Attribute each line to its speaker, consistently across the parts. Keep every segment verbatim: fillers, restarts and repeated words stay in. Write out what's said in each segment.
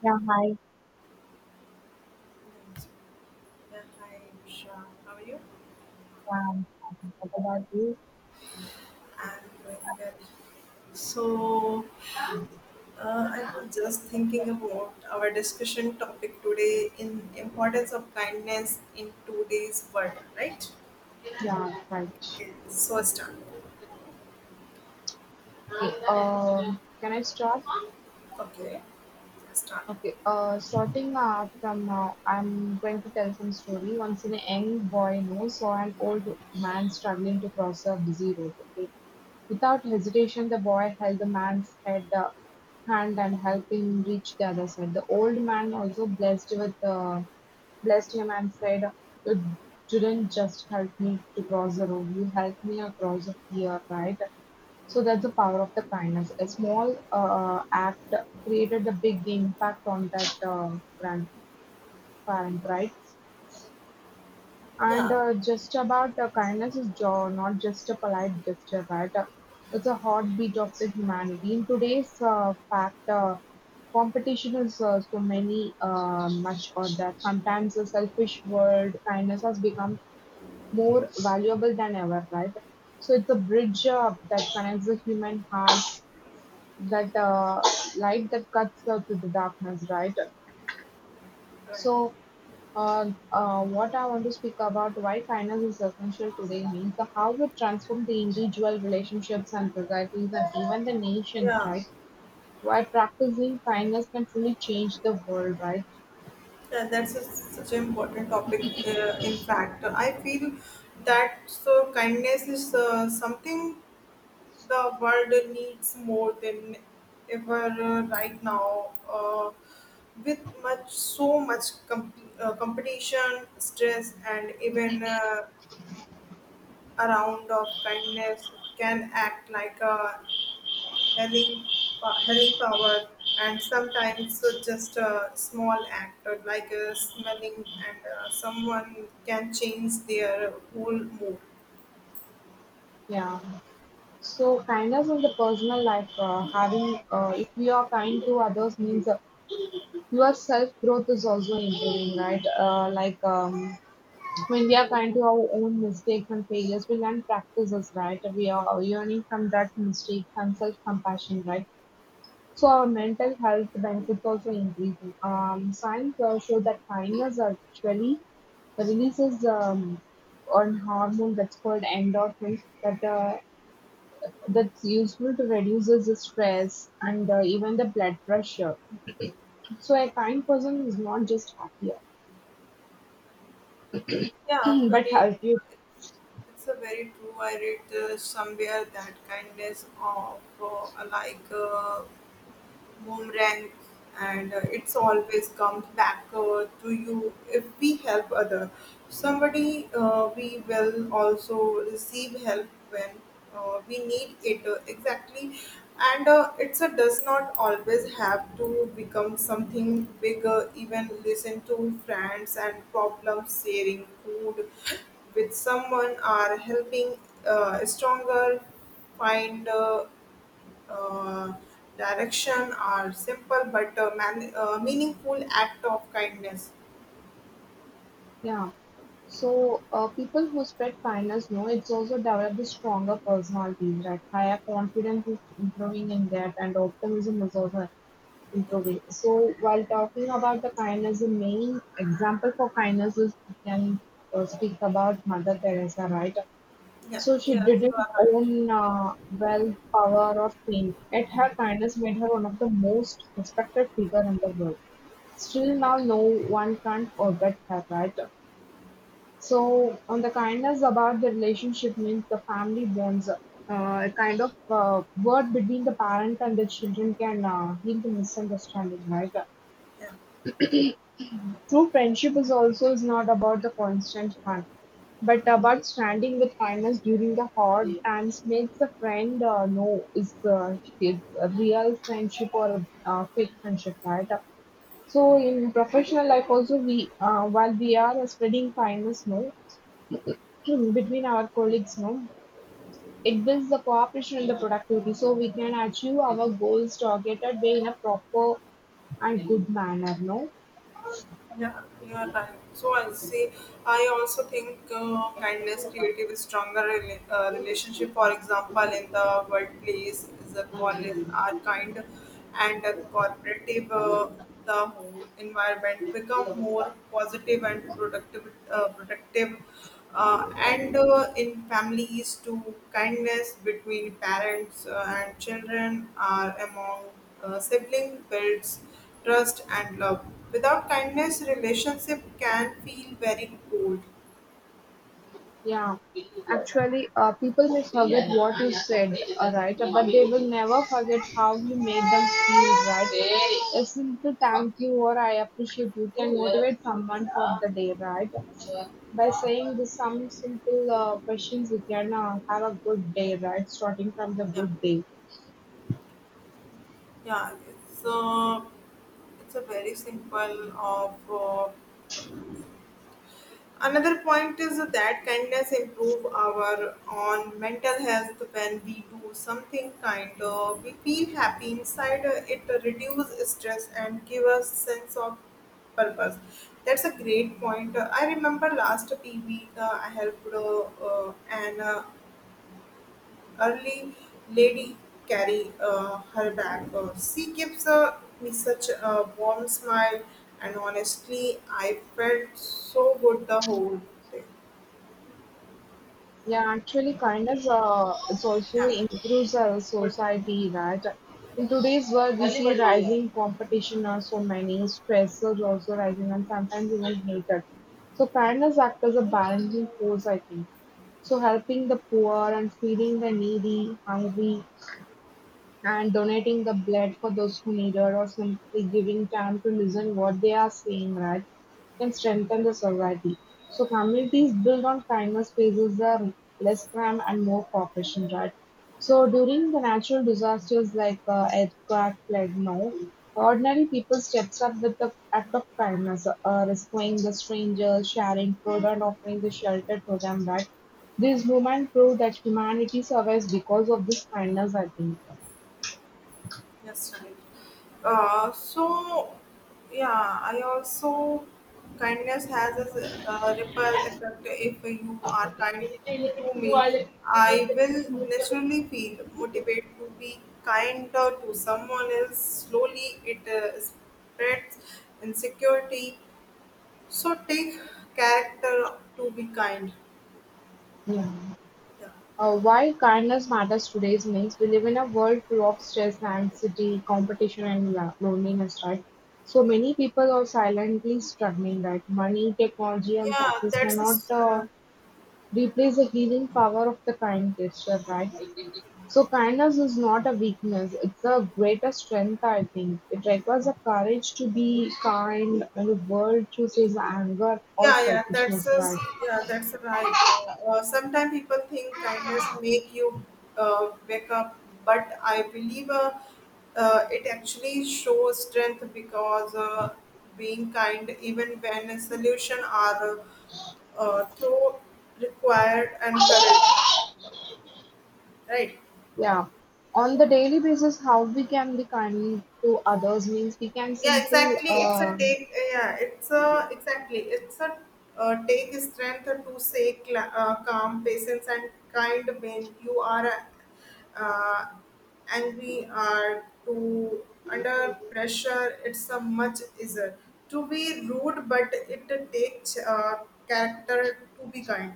Speaker 1: Yeah, hi.
Speaker 2: Yeah, hi, Usha. How are you?
Speaker 1: Yeah, I'm fine. What about you?
Speaker 2: I'm doing well. So, uh, I was just thinking about our discussion topic today in importance of kindness in today's world, right?
Speaker 1: Yeah, right.
Speaker 2: Okay, so start.
Speaker 1: Okay, um, can I start?
Speaker 2: Okay, start.
Speaker 1: Okay, uh, Starting uh, from now, I'm going to tell some story. Once a young boy no, saw an old man struggling to cross a busy road. Okay, without hesitation, the boy held the man's head, uh, hand and helped him reach the other side. The old man also blessed with uh, Blessed him and said, you didn't just help me to cross the road, you helped me across here, right? So that's the power of the kindness. A small uh, act created a big impact on that uh, grandparent, right? And
Speaker 2: Yeah,
Speaker 1: uh, just about uh, kindness is jo- not just a polite gesture, right? Uh, it's a heartbeat of the humanity. In today's uh, fact, uh, competition is uh, so many uh, much or that sometimes a selfish world, kindness has become more valuable than ever, right? So it's a bridge uh, that connects the human heart, that uh, light that cuts uh, through the darkness, right?
Speaker 2: right.
Speaker 1: So uh, uh, what I want to speak about why finance is essential today means the how it transforms the individual relationships and societies and even the nations,
Speaker 2: Yeah.
Speaker 1: right? Why practicing kindness can truly change the world, right?
Speaker 2: Yeah, that's a, such an important topic. Uh, in fact, I feel that so kindness is uh, something the world needs more than ever uh, right now, uh, with much so much com- uh, competition, stress, and even uh, a round of kindness can act like a healing, uh, healing power. And sometimes uh, just a small act, uh, like uh, smelling, and uh, someone can change their whole mood.
Speaker 1: Yeah. So kindness in the personal life, uh, having uh, if you are kind to others means uh, your self growth is also improving, right? Uh, like um, when we are kind to our own mistakes and failures, we learn practices, right? We are learning from that mistakes and self-compassion, right? So our mental health benefits also increasing. Um, science uh, show that kindness actually releases um, an hormone that's called endorphins that uh, that's useful to reduces the stress and uh, even the blood pressure. So a kind person is not just happier
Speaker 2: Yeah,
Speaker 1: but healthier.
Speaker 2: it's a very true. I read uh, somewhere that kindness of uh, like uh, boomerang, and uh, it's always comes back uh, to you if we help other. Somebody uh, we will also receive help when uh, we need it, uh, exactly, and uh, it's a does not always have to become something bigger. Even listen to friends and problem sharing, food with someone are helping uh, stronger find uh, uh, direction are simple but uh, man- uh, meaningful act of kindness.
Speaker 1: Yeah. So, uh, people who spread kindness know it's also develop the stronger personalities, right? Higher confidence is improving in that, and optimism is also improving. So, while talking about the kindness, the main example for kindness is we can uh, speak about Mother Teresa, right?
Speaker 2: Yeah,
Speaker 1: So, she
Speaker 2: yeah, you
Speaker 1: didn't
Speaker 2: are right.
Speaker 1: own uh, wealth, power, or fame, yet her kindness made her one of the most respected figure in the world. Still now, no one can forget her, right? So, on the kindness about the relationship means the family bonds, uh, a kind of uh, word between the parent and the children can uh, heal the misunderstanding, right?
Speaker 2: Yeah.
Speaker 1: True friendship is also is not about the constant fun, but about standing with kindness during the hard times makes a friend uh, know is uh, it's a real friendship or a uh, fake friendship, right? So in professional life also we uh, while we are spreading kindness, no. Between our colleagues no, it builds the cooperation and the productivity, so we can achieve our goals targeted way in a proper and good manner no.
Speaker 2: Yeah, you're right. So I see. I also think uh, kindness creative a stronger rela- uh, relationship. For example, in the workplace, the colleagues are kind, and the cooperative, uh, the whole environment become more positive and productive. Uh, productive uh, and uh, in families too kindness between parents uh, and children are among uh, siblings builds trust and love without kindness relationship can feel very cold.
Speaker 1: Yeah, actually uh, people may forget what you said, uh, right? But they will never forget how you made them feel, right? A simple thank you or I appreciate you can motivate someone for the day, right? By saying this some simple uh, questions we can uh, have a good day, right, starting from the
Speaker 2: Yeah,
Speaker 1: good day.
Speaker 2: yeah it's uh, it's a very simple of uh, another point is that kindness improve our own mental health when we do something kind. Uh, we feel happy inside. Uh, it reduces stress and give us sense of purpose. That's a great point. Uh, I remember last few week uh, I helped uh, uh, an uh, early lady carry uh, her bag. Uh, she gives uh, me such a warm smile, and honestly, I felt so good the whole day.
Speaker 1: Yeah, actually, kindness uh, it's also
Speaker 2: Yeah,
Speaker 1: improves our society, right? In today's world, we see rising competition, uh, so many stressors also rising, and sometimes even hatred. So, kindness acts as a balancing force, I think. So, helping the poor and feeding the needy, hungry, and donating the blood for those who need it, or simply giving time to listen what they are saying, right, can strengthen the society. So
Speaker 2: yeah,
Speaker 1: communities built on kindness faces are less crime and more cooperation, right? So during the natural disasters like uh, earthquake, plague, no, ordinary people steps up with the act of kindness, uh, rescuing the strangers, sharing food, and offering the shelter to them, right? This movement proved that humanity survives because of this kindness, I think.
Speaker 2: that's right. Uh, so, yeah, I also kindness has a s- a ripple effect. If you are kind to me, I will naturally feel motivated to be kinder to someone else. Slowly, it uh, spreads insecurity. So, take character to be kind.
Speaker 1: Yeah.
Speaker 2: Yeah.
Speaker 1: Uh, why kindness matters today means we live in a world full of stress, anxiety, competition, and lo- loneliness, right? So many people are silently struggling, right? Money, technology, and
Speaker 2: Yeah,
Speaker 1: success
Speaker 2: that's a
Speaker 1: cannot
Speaker 2: s-
Speaker 1: uh,
Speaker 2: uh,
Speaker 1: replace the healing power of the kind gesture, right? So kindness is not a weakness; it's a greater strength. I think it requires the courage to be kind when the world chooses anger or
Speaker 2: yeah, yeah, that's
Speaker 1: selfishness,
Speaker 2: us.
Speaker 1: right?
Speaker 2: Yeah, that's right. Uh, sometimes people think kindness make you uh, wake up, but I believe uh, uh, it actually shows strength because uh, being kind, even when a solution are uh, through required and courage, right?
Speaker 1: Yeah. On the daily basis, how we can be kind to others means we can
Speaker 2: Yeah
Speaker 1: simple
Speaker 2: exactly it's a
Speaker 1: uh,
Speaker 2: take yeah it's a exactly it's a uh, Take strength to say cla uh, calm patience and kind when you are uh, angry or to under pressure, it's a much easier to be rude, but it takes uh, character to be kind.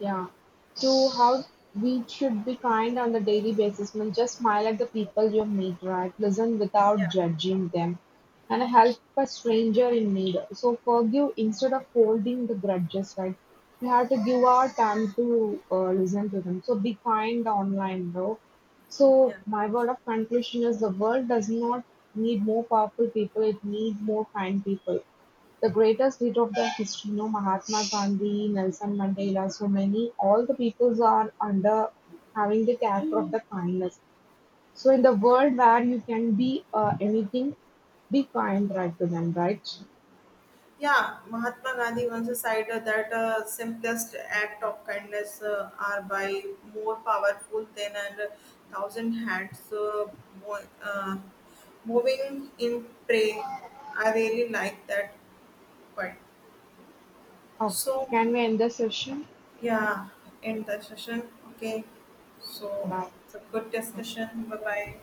Speaker 1: Yeah. So how we should be kind on the daily basis. I mean, just smile at the people you meet, right? Listen without
Speaker 2: Yeah,
Speaker 1: judging them, and help a stranger in need. So forgive instead of holding the grudges, right? We have to give our time to uh, listen to them. So be kind online, bro.
Speaker 2: yeah,
Speaker 1: So my
Speaker 2: right.
Speaker 1: word of conclusion is the world does not need more powerful people; it needs more kind people. The greatest hit of the history, no, Mahatma Gandhi, Nelson Mandela, so many, all the peoples are under having the character of the kindness. So in the
Speaker 2: Yeah.
Speaker 1: world where you can be uh, anything, be kind right to them, right?
Speaker 2: Yeah, Mahatma Gandhi once said that uh, simplest act of kindness uh, are by more powerful than a thousand hands uh, mo- uh, moving in prey. I really like that quite.
Speaker 1: How
Speaker 2: So
Speaker 1: can we end the session?
Speaker 2: yeah, end the session. Okay, so
Speaker 1: Bye.
Speaker 2: it's a good discussion. Bye bye.